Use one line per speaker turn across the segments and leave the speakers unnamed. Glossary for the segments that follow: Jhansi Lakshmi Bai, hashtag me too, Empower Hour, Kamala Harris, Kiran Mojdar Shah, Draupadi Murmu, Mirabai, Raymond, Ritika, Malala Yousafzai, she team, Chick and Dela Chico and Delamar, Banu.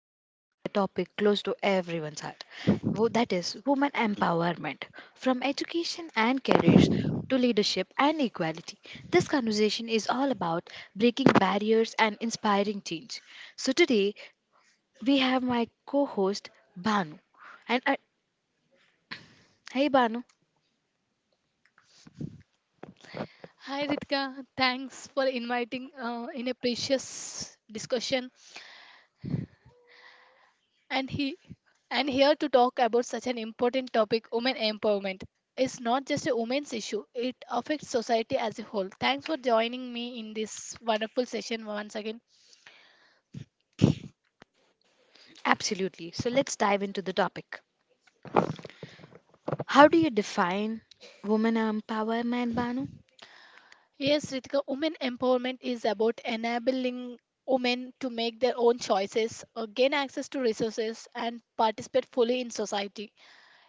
we are discussing a topic close to everyone's heart that is, women empowerment. From education and careers to leadership and equality, this conversation is all about breaking barriers and inspiring change. So, today we have my co host Banu. And Hey, Banu,
Hi Ritika, thanks for inviting in a precious discussion and he and here to talk about such an important topic women empowerment. It's not just a women's issue, it affects society as a whole. Thanks for joining me in this wonderful session once again.
absolutely. So, let's dive into the topic. How do you define women empowerment, Banu?
Yes, Ritika, women empowerment is about enabling women to make their own choices, gain access to resources, and participate fully in society.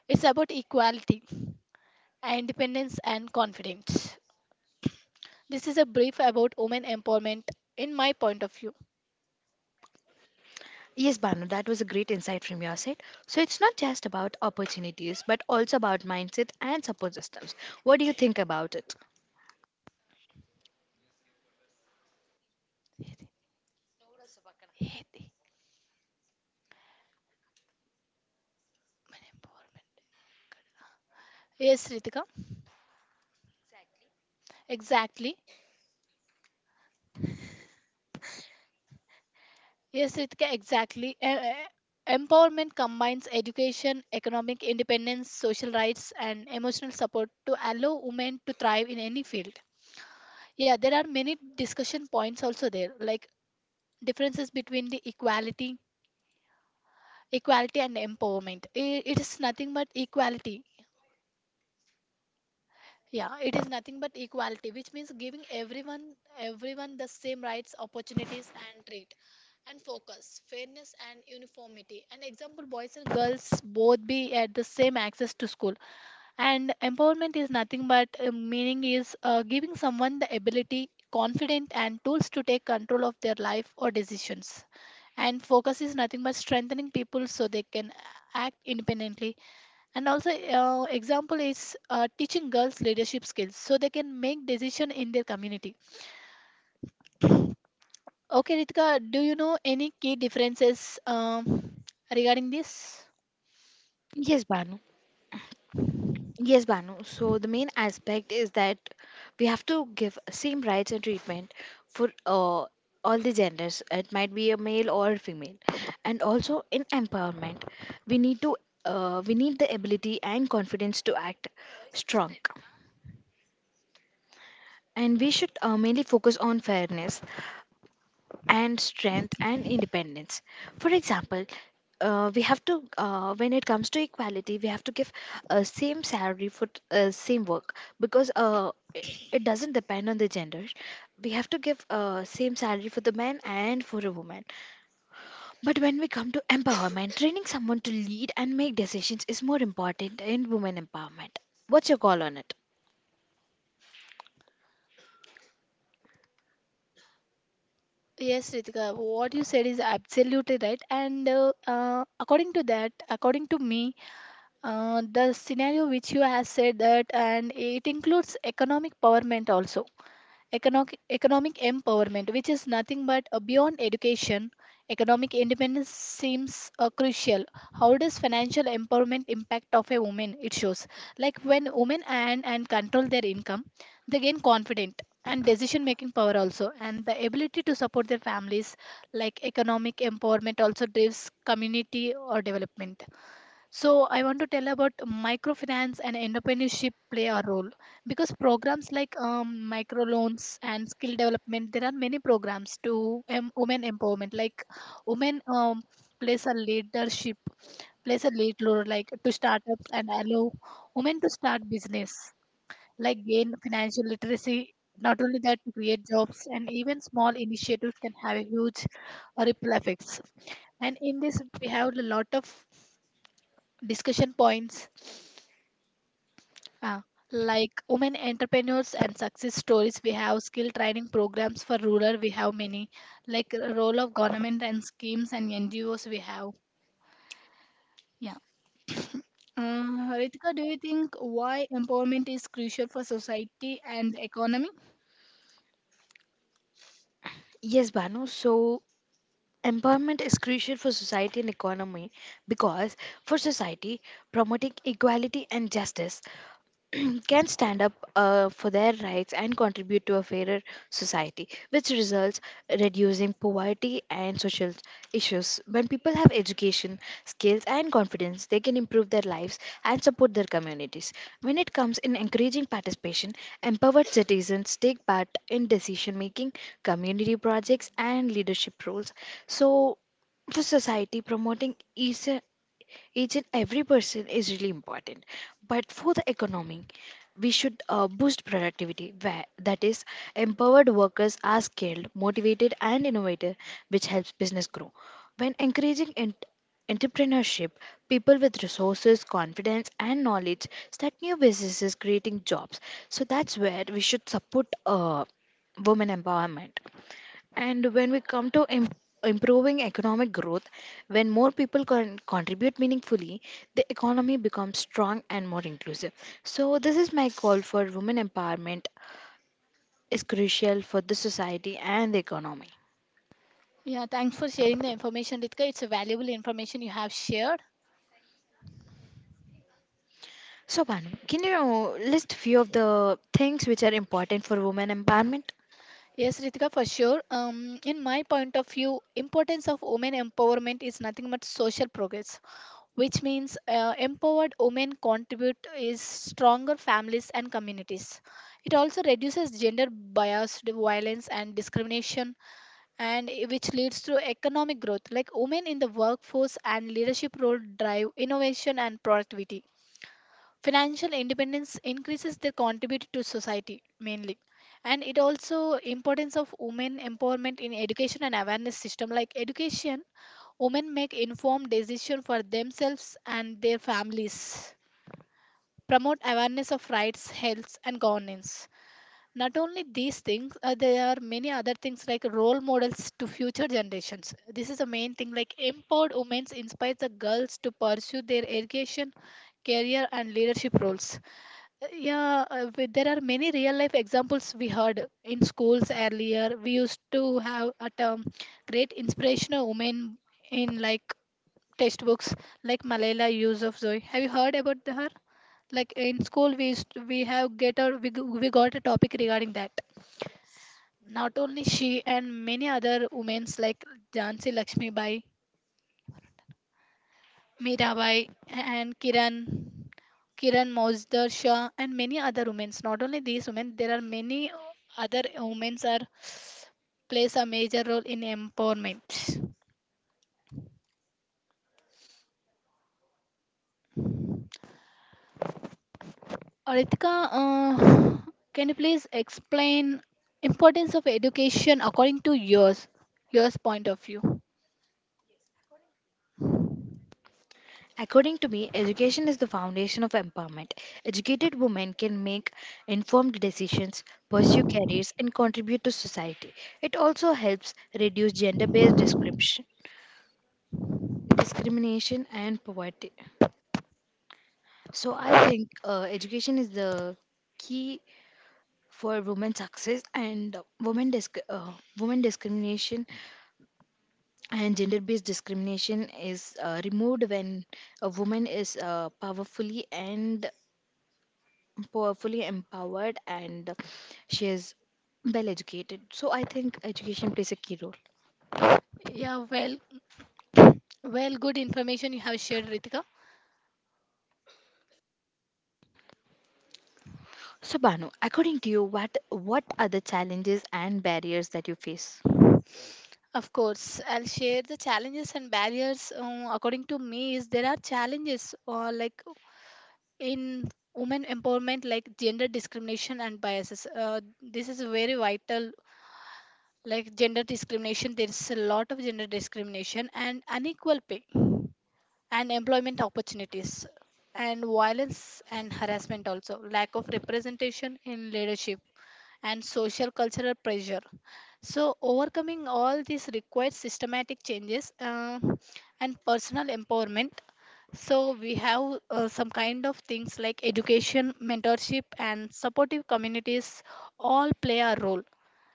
It's about equality, independence, and confidence. This is a brief about women empowerment in my point of view.
Yes, Banu, that was a great insight from your side. So it's not just about opportunities, but also about mindset and support systems. What do you think about it?
Yes, Ritika, exactly. Yes, Ritika, exactly. E- e- Empowerment combines education, economic independence, social rights, and emotional support to allow women to thrive in any field. Yeah, there are many discussion points also there, like differences between equality and empowerment. It is nothing but equality. Yeah, it is nothing but equality, which means giving everyone the same rights, opportunities, and treat, and focus, fairness, and uniformity. An example: boys and girls both be at the same access to school. And empowerment is nothing but meaning is giving someone the ability, confidence, and tools to take control of their life or decisions. And focus is nothing but strengthening people so they can act independently and also example is teaching girls leadership skills so they can make decision in their community. Okay, Ritika, do you know any key differences regarding this?
Yes, Banu. Yes, Banu. So the main aspect is that we have to give same rights and treatment for all the genders. It might be a male or a female, and also in empowerment, we need to we need the ability and confidence to act strong, and we should mainly focus on fairness and strength and independence. For example, we have to when it comes to equality, we have to give same salary for same work, because it doesn't depend on the gender. We have to give same salary for the man and for a woman. But when we come to empowerment, training someone to lead and make decisions is more important in women empowerment. What's your call on it?
Yes, Ritika, what you said is absolutely right. And according to that, according to me, the scenario which you have said that, and it includes economic empowerment also. Economic empowerment, which is nothing but beyond education, economic independence seems crucial. How does financial empowerment impact of a woman? It shows like when women earn and control their income, they gain confidence and decision making power also and the ability to support their families like economic empowerment also drives community or development. So I want to tell about microfinance and entrepreneurship play a role because programs like microloans and skill development. There are many programs to women empowerment like women plays a leadership plays a lead role like to startups and allow women to start business, like gain financial literacy. Not only that, to create jobs and even small initiatives can have a huge ripple effects. And in this we have a lot of discussion points. Uh, like women entrepreneurs and success stories, we have skill training programs for rural. We have many, like role of government and schemes and NGOs. We have, yeah. Ritika, do you think why empowerment is crucial for society and economy?
Yes, Banu. So empowerment is crucial for society and economy because, for society, promoting equality and justice, can stand up for their rights and contribute to a fairer society, which results reducing poverty and social issues. When people have education, skills, and confidence, they can improve their lives and support their communities. When it comes in encouraging participation, empowered citizens take part in decision making, community projects, and leadership roles. So, for society, promoting equal each and every person is really important. But for the economy, we should boost productivity, where that is empowered workers are skilled, motivated, and innovative, which helps business grow. When encouraging entrepreneurship, people with resources, confidence, and knowledge start new businesses, creating jobs. So that's where we should support uh, women empowerment. And when we come to improving economic growth, when more people can contribute meaningfully, the economy becomes strong and more inclusive. So, this is my call for women empowerment is crucial for the society and the economy.
Yeah, thanks for sharing the information, Ritika. It's a valuable information you have shared.
So, Banu, can you list few of the things which are important for women empowerment?
Yes, Ritika, for sure. In my point of view, importance of women empowerment is nothing but social progress, which means empowered women contribute is stronger families and communities. It also reduces gender biased violence and discrimination, and which leads to economic growth, like women in the workforce and leadership role drive innovation and productivity. Financial independence increases their contribute to society mainly. And it also importance of women empowerment in education and awareness system, like education. Women make informed decisions for themselves and their families. Promote awareness of rights, health, and governance. Not only these things, there are many other things like role models to future generations. This is the main thing. Like empowered women inspires the girls to pursue their education, career, and leadership roles. Yeah, there are many real life examples we heard in schools earlier. We used to have a term, great inspirational women in like textbooks, like Malala Yousafzai. Have you heard about her? Like in school, we used to- we have get a we, g- we got a topic regarding that. Not only she and many other women's like Jhansi Lakshmi Bai, Mirabai, and Kiran Mojdar Shah, and many other women's. Not only these women, there are many other women's are plays a major role in empowerment. Ritika, can you please explain importance of education according to yours point of view?
According to me, education is the foundation of empowerment. Educated women can make informed decisions, pursue careers, and contribute to society. It also helps reduce discrimination and poverty. So, I think education is the key for women's success. And women, disc- uh, women discrimination and gender based discrimination is removed when a woman is powerfully empowered and she is well educated. So I think education plays a key role.
Yeah, well, good information you have shared, Ritika.
So Banu, according to you, what are the challenges and barriers that you face?
Of course, I'll share the challenges and barriers. According to me, is there are challenges like in women empowerment, like gender discrimination and biases. This is very vital. Like gender discrimination, there is a lot of gender discrimination and unequal pay, and employment opportunities, and violence and harassment also, lack of representation in leadership, and social cultural pressure. So overcoming all these requires systematic changes and personal empowerment. So we have some kind of things like education, mentorship, and supportive communities all play a role.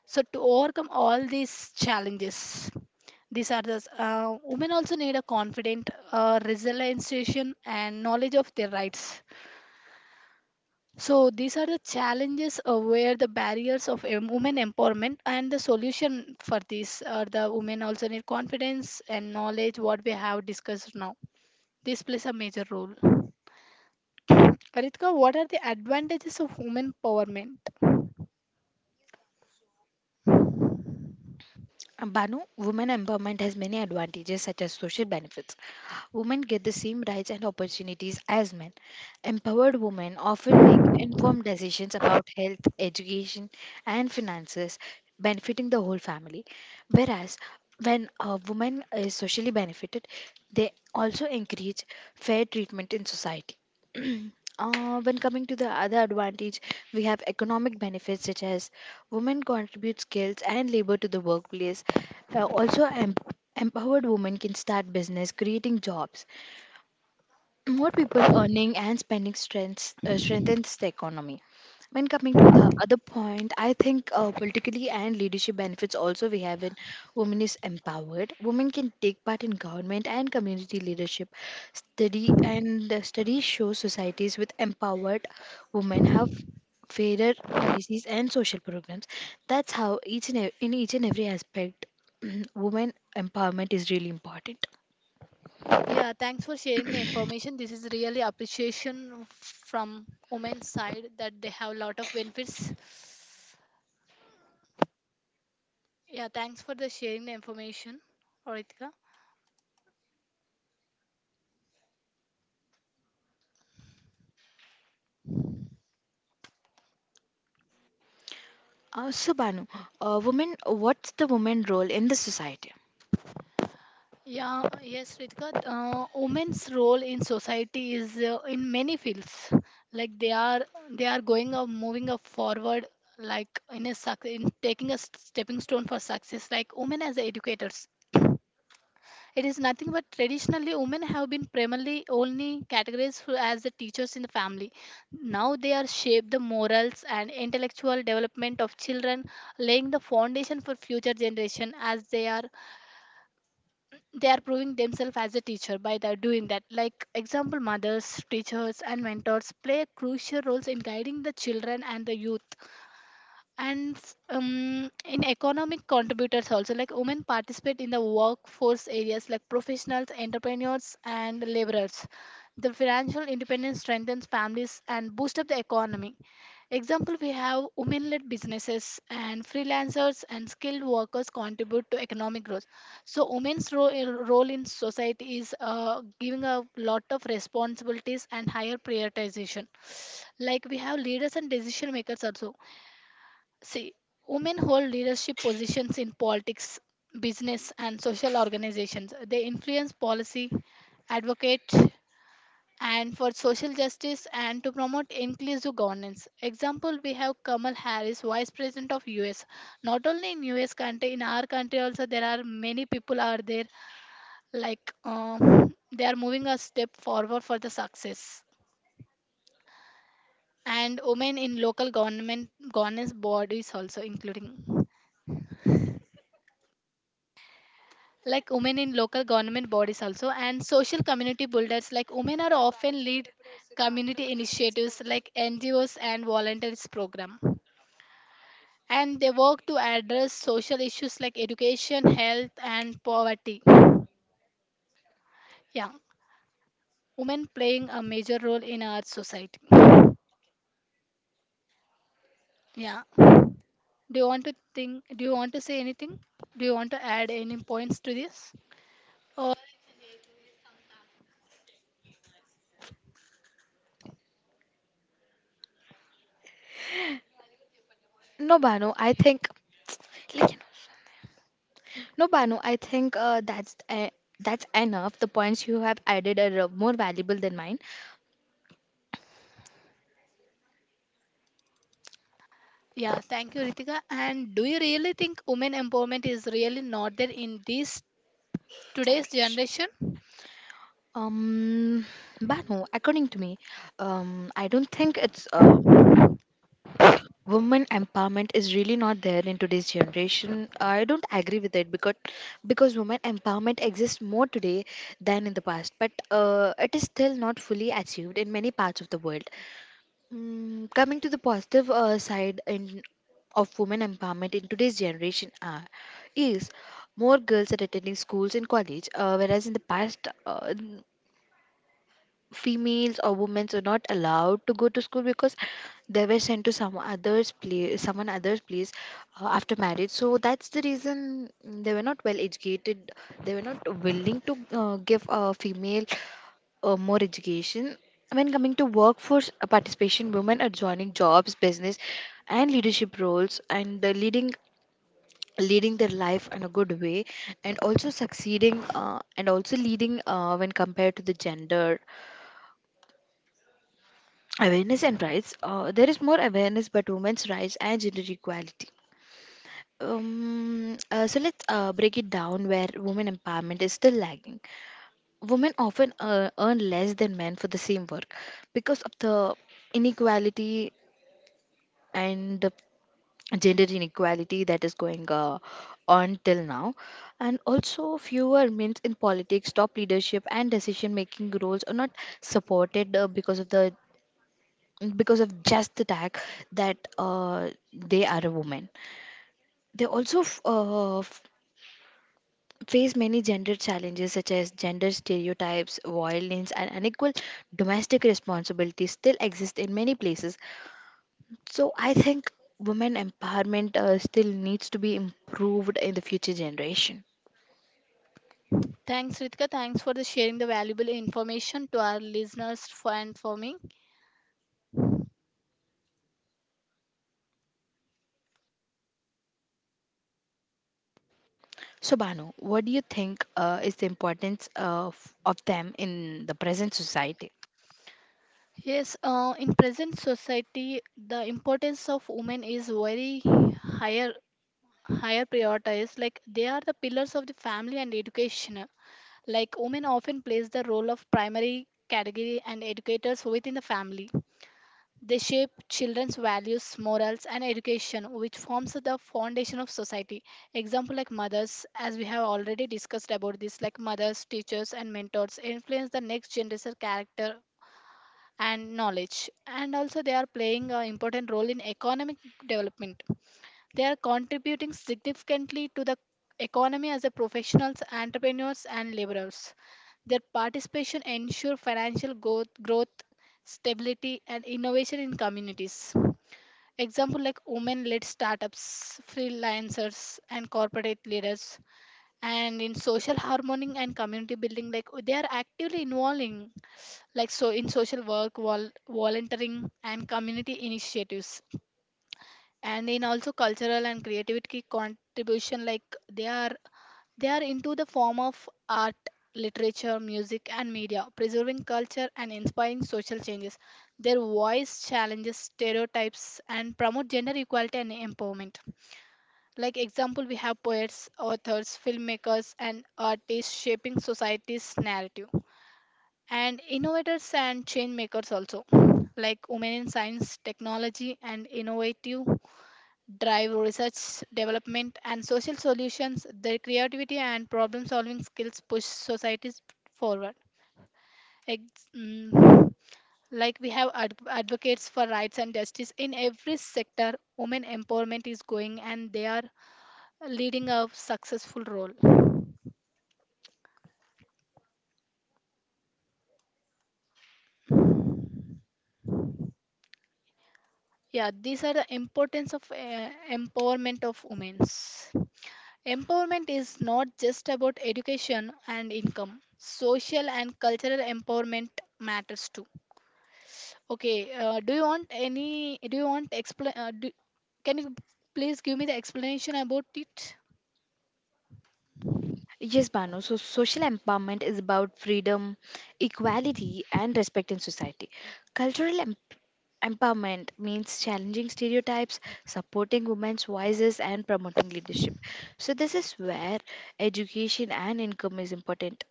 So to overcome all these challenges, these are the women also need a confident, resilient, and knowledge of their rights. So these are the challenges where the barriers of women empowerment and the solution for these are the women also need confidence and knowledge. What we have discussed now, this plays a major role. Karitka, what are the advantages of women empowerment?
Banu, women empowerment has many advantages such as social benefits. Women get the same rights and opportunities as men. Empowered women often make informed decisions about health, education, and finances, benefiting the whole family. Whereas, when a woman is socially benefited, they also encourage fair treatment in society. When coming to the other advantage, we have economic benefits such as women contribute skills and labor to the workplace. Uh, also, em- Empowered women can start business, creating jobs, more people earning and spending strengthens the economy. When coming to the other point, I think politically and leadership benefits also we have in women is empowered. Women can take part in government and community leadership. Study and the study shows societies with empowered women have fairer policies and social programs. That's how in each and every aspect, women empowerment is really important.
Yeah, thanks for sharing the information. This is really appreciation from women's side that they have a lot of benefits. Yeah, thanks for the sharing the information, Ritika.
So, Banu, what's the woman role in the society?
Yeah, yes, Ritika. Women's role in society is in many fields. Like they are, they are going up, moving up forward, like in a in taking a stepping stone for success. Like women as educators, it is nothing but traditionally women have been primarily only categorized as the teachers in the family. Now they are shape the morals and intellectual development of children, laying the foundation for future generation as they are proving themselves as a teacher by doing that. Like example, mothers, teachers, and mentors play crucial roles in guiding the children and the youth and in economic contributors also, like women participate in the workforce areas like professionals, entrepreneurs, and laborers. The financial independence strengthens families and boosts up the economy. Example, we have women-led businesses and freelancers and skilled workers contribute to economic growth. So role in society is giving a lot of responsibilities and higher prioritization, like we have leaders and decision makers also. See, women hold leadership positions in politics, business, and social organizations. They influence policy, advocate, and for social justice and to promote inclusive governance. Example, we have Kamala Harris, Vice President of US. Not only in US country, in our country also there are many people are there, like they are moving a step forward for the success, and women in local government governance bodies also including. Like women in local government bodies also, and social community builders, like women are often lead community initiatives like NGOs and volunteers program, and they work to address social issues like education, health, and poverty. Yeah, women playing a major role in our society. Yeah, do you want to say anything? Do you want to add any points to this, or?
No, Banu, I think like, you know, no, Banu, I think uh, that's uh, that's enough. The points you have added are more valuable than mine.
Yeah, thank you Ritika. And do you really think women empowerment is really not there in these today's generation?
Um, Banu, according to me, I don't think it's women empowerment is really not there in today's generation. I don't agree with it because women empowerment exists more today than in the past, but it is still not fully achieved in many parts of the world. Coming to the positive side in of women empowerment in today's generation is more girls are attending schools and college, whereas in the past, females or women were not allowed to go to school because they were sent to someone other's place after marriage. So that's the reason they were not well educated. They were not willing to give a female more education. When coming to workforce participation, women are joining jobs, business, and leadership roles, and the leading leading their life in a good way, and also succeeding and also leading when compared to the gender awareness and rights. There is more awareness about women's rights and gender equality. So let's break it down where women empowerment is still lagging. Women often earn less than men for the same work because of the inequality and the gender inequality that is going on till now. And also fewer men in politics, top leadership, and decision making roles are not supported because of just the tag that they are a woman. They face many gender challenges such as gender stereotypes, violence, and unequal domestic responsibilities still exist in many places. So I think women empowerment still needs to be improved in the future generation.
Thanks, Ritika. Thanks for the sharing the valuable information to our listeners for and for me.
So Banu, what do you think is the importance of them in the present society?
Yes, in present society, the importance of women is very higher higher prioritized. Like they are the pillars of the family and education. Like women often plays the role of primary category and educators within the family. They shape children's values, morals, and education, which forms the foundation of society. Example like mothers, as we have already discussed about this, like mothers, teachers, and mentors influence the next generation character and knowledge. And also, they are playing an important role in economic development. They are contributing significantly to the economy as a professionals, entrepreneurs, and laborers. Their participation ensures financial growth, stability, and innovation in communities. Example like women-led startups, freelancers, and corporate leaders. And in social harmony and community building, like they are actively involving, like so in social work, volunteering, and community initiatives, and in also cultural and creativity contribution, like they are they are into the form of art, literature, music, and media, preserving culture and inspiring social changes. Their voice challenges stereotypes and promote gender equality and empowerment. Like example, we have poets, authors, filmmakers, and artists shaping society's narrative, and innovators and change makers also, like women in science, technology, and innovative drive research, development, and social solutions. Their creativity and problem solving skills push societies forward. Ex- mm, like we have advocates for rights and justice in every sector, women empowerment is going and they are leading a successful role. Yeah, these are the importance of empowerment of women. Empowerment is not just about education and income. Social and cultural empowerment matters too. Okay, do you want any, do you want explain, can you please give me the explanation about it?
Yes, Banu. So, social empowerment is about freedom, equality, and respect in society. Cultural em- empowerment means challenging stereotypes, supporting women's voices, and promoting leadership. So, this is where education and income is important.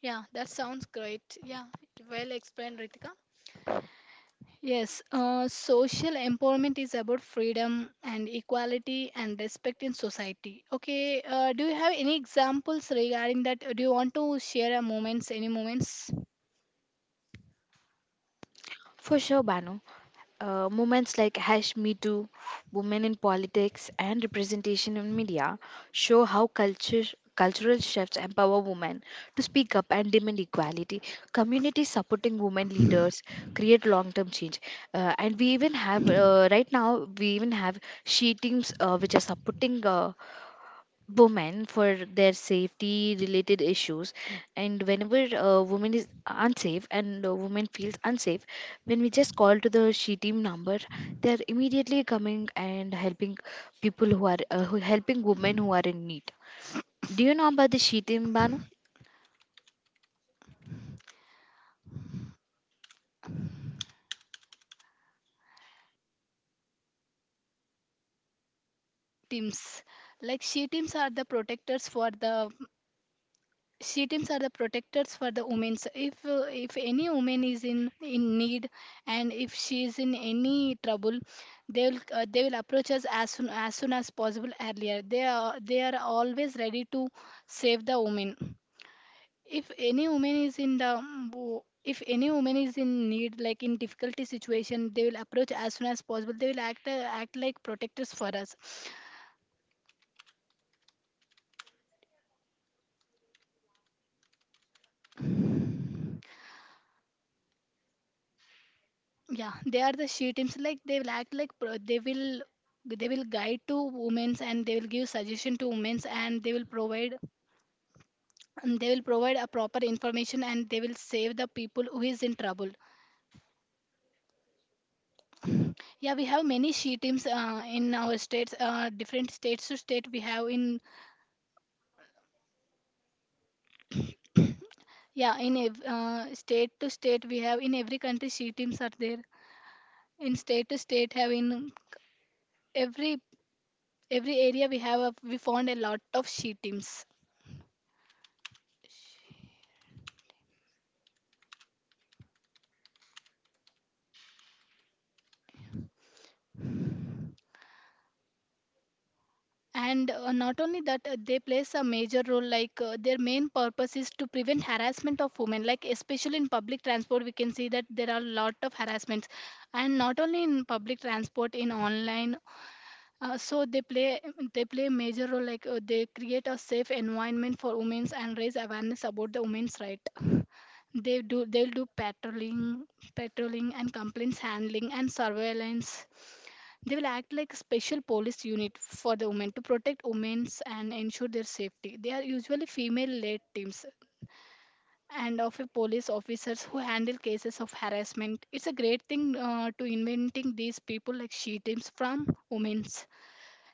Yeah, that sounds great. Yeah, well explained, Ritika. Yes, social empowerment is about freedom and equality and respect in society. Okay, do you have any examples regarding that? Do you want to share a moments, any moments?
For sure, Banu. Movements like hash me too, women in politics, and representation in media show how cultural shifts empower women to speak up and demand equality. Communities supporting women leaders create long-term change. And we even have Right now we even have she teams which are supporting. Women for their safety related issues, and whenever a woman is unsafe and a woman feels unsafe, when we just call to the she team number, they are immediately coming and helping people who are who helping women who are in need. Do you know about the she team, Banu?
Teams, like she teams are the protectors for the Shitins are the protectors for the women. So if any woman is in need and if she is in any trouble, they will approach us as soon as possible earlier. They are always ready to save the woman. If any woman is in the if any woman is in need like in difficulty situation, they will approach as soon as possible. They will act like protectors for us. Yeah, they are the she teams like they will they will guide to women's and they will give suggestion to women's and they will provide a proper information and they will save the people who is in trouble. Yeah, we have many she teams in our states, different states to state we have in. State to state we have in every country, she teams are there in state to state have in every every area we have a, we found a lot of she teams. And not only that, they plays a major role like, their main purpose is to prevent harassment of women, like especially in public transport we can see that there are a lot of harassments. And not only in public transport, in online. uh, so they play they play a major role like, they create a safe environment for women and raise awareness about the women's right. They do they'll do patrolling, patrolling and complaints handling and surveillance. They will act like a special police unit for the women to protect women and ensure their safety. They are usually female led teams and of a police officers who handle cases of harassment. It's a great thing to inventing these people like she teams from women's.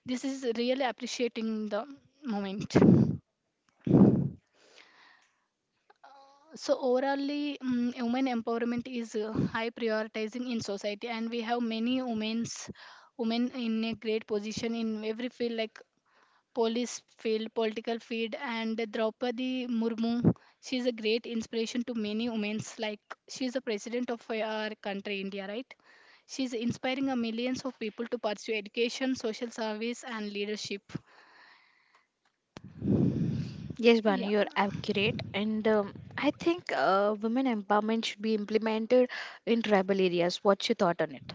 This is really appreciating the moment. So overally, women empowerment is high prioritizing in society, and we have many women in a great position in every field like police field, political field, and Draupadi Murmu. She is a great inspiration to many women. Like she is the president of our country, India, right? She is inspiring a millions of people to pursue education, social service, and leadership.
Yes,
Yeah.
Banu, you're accurate. And I think women empowerment should be implemented in tribal areas. What's your thought on it?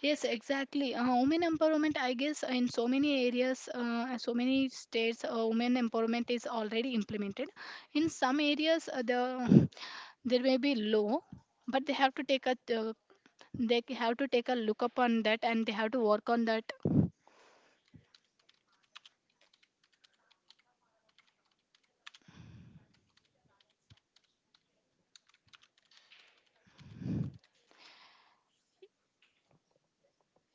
Yes, exactly. Women empowerment, I guess, in so many areas, so many states, women empowerment is already implemented. In some areas, there may be low, but they have to take a have to take a look up on that and they have to work on that.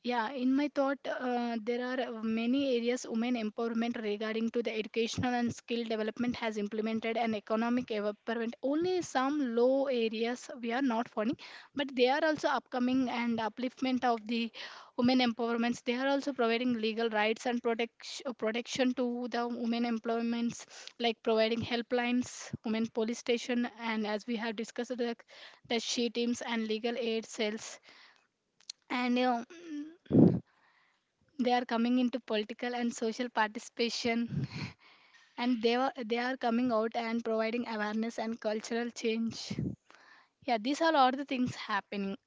Yeah, in my thought, there are many areas women empowerment regarding to the educational and skill development has implemented and economic empowerment. Only some low areas we are not finding, but they are also upcoming and upliftment of the women empowerments. They are also providing legal rights and protection to the women employments, like providing helplines, women police station, and as we have discussed, the she teams and legal aid cells and. You know, they are coming into political and social participation and they are coming out and providing awareness and cultural change. Yeah, these are all the things happening.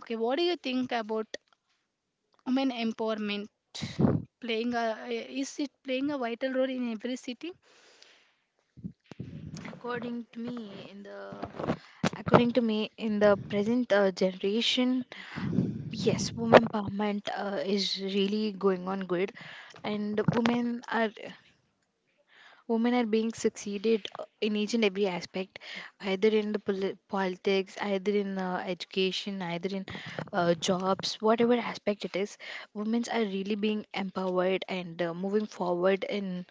Okay, what do you think about women empowerment playing a is it playing a vital role in every city?
According to me, in the According to me, in the present generation, yes, women empowerment is really going on good, and women are being succeeded in each and every aspect, either in the politics, either in education, either in jobs, whatever aspect it is, women are really being empowered and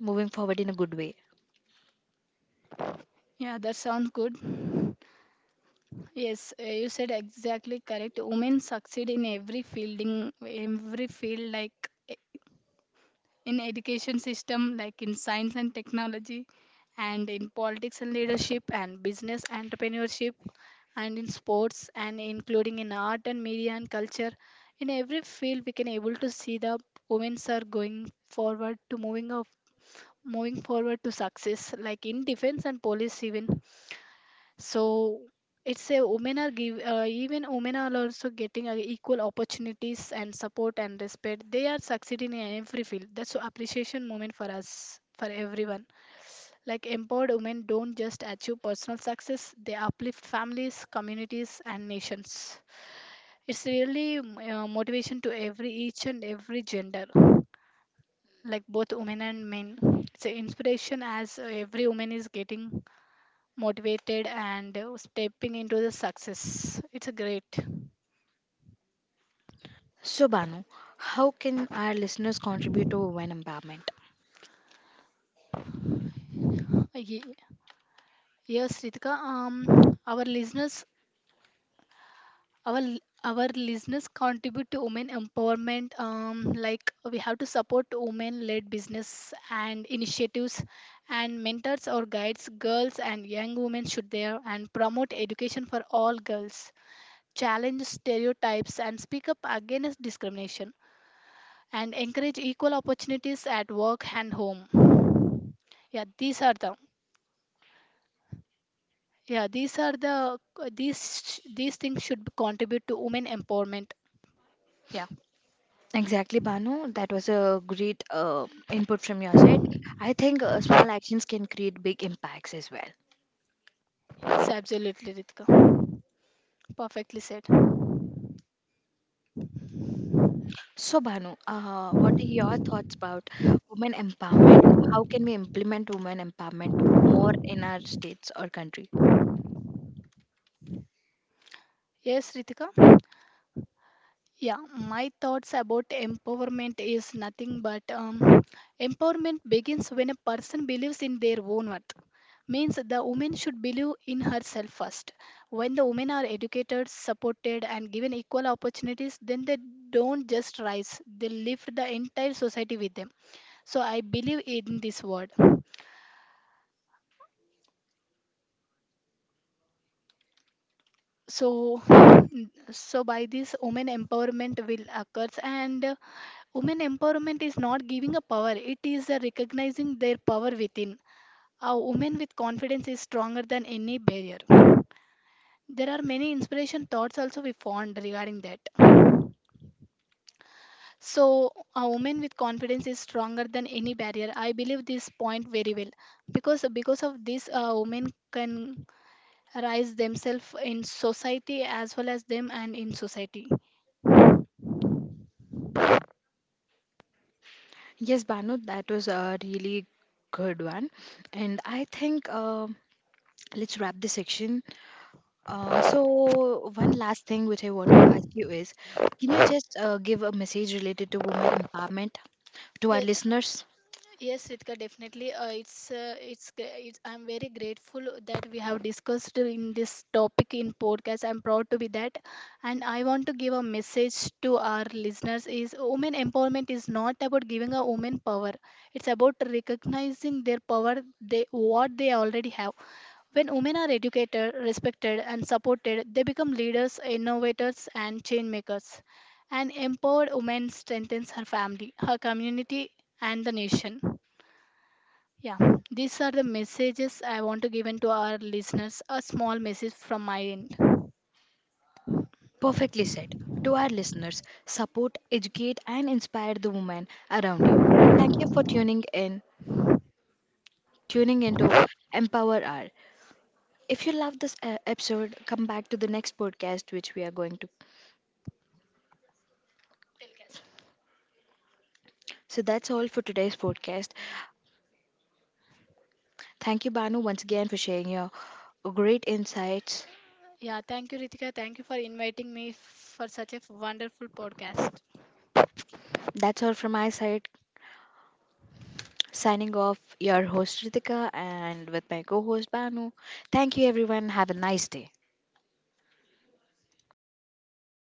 moving forward in a good way.
Yeah, that sounds good. Yes, you said exactly correct. Women succeed in every fielding, every field like e- in education system like in science and technology, and in politics and leadership and business entrepreneurship, and in sports and including in art and media and culture. In every field we can able to see the women are going forward to moving forward to success like in defense and police even. So it's a women are give even women are also getting equal opportunities and support and respect. They are succeeding in every field. That's a appreciation moment for us for everyone, like empowered women don't just achieve personal success, they uplift families, communities, and nations. It's really motivation to every each and every gender, like both women and men. It's an inspiration, as every woman is getting motivated and stepping into the success. It's a great.
So, Banu, how can our listeners contribute to women empowerment?
Ye- Yes, Ritika. Our listeners, our l- our listeners contribute to women empowerment. Like we have to support women-led business and initiatives, and mentors or guides girls and young women should there and promote education for all girls. Challenge stereotypes and speak up against discrimination, and encourage equal opportunities at work and home. Yeah, these are the yeah these are the these these things should contribute to women empowerment. Yeah.
Exactly, Banu. That was a great input from your side. I think small actions can create big impacts as well.
Yes, absolutely, Ritika. Perfectly said.
So, Banu, what are your thoughts about women empowerment? How can we implement women empowerment more in our states or country?
Yes, Ritika. Yeah, my thoughts about empowerment is nothing but, empowerment begins when a person believes in their own worth, means the woman should believe in herself first. When the women are educated, supported and given equal opportunities, then they don't just rise, they lift the entire society with them. So I believe in this word. So so by this women empowerment will occurs. And women empowerment is not giving a power, it is recognizing their power within. A woman with confidence is stronger than any barrier. There are many inspiration thoughts also we found regarding that. So a woman with confidence is stronger than any barrier. I believe this point very well, because of this a woman can rise themselves in society as well as them and in society.
Yes, Banu, that was a really good one. And I think let's wrap this section. So one last thing which I want to ask you is, can you just give a message related to women empowerment to our
Ye-
listeners?
Yes, Ritika, definitely. It's I'm very grateful that we have discussed in this topic in podcast. I'm proud to be that, and I want to give a message to our listeners: is women empowerment is not about giving a woman power. It's about recognizing their power, they what they already have. When women are educated, respected, and supported, they become leaders, innovators, and change makers. An empowered woman strengthens her family, her community, and the nation. Yeah, these are the messages I want to give in to our listeners. A small message from my end.
Perfectly said. To our listeners, support, educate, and inspire the women around you. Thank you for tuning into Empower Hour. If you love this episode, come back to the next podcast which we are going to. So that's all for today's podcast. Thank you, Banu, once again for sharing your great insights.
Yeah, thank you, Ritika. Thank you for inviting me for such a wonderful podcast.
That's all from my side. Signing off, your host Ritika and with my co host Banu. Thank you, everyone. Have a nice day.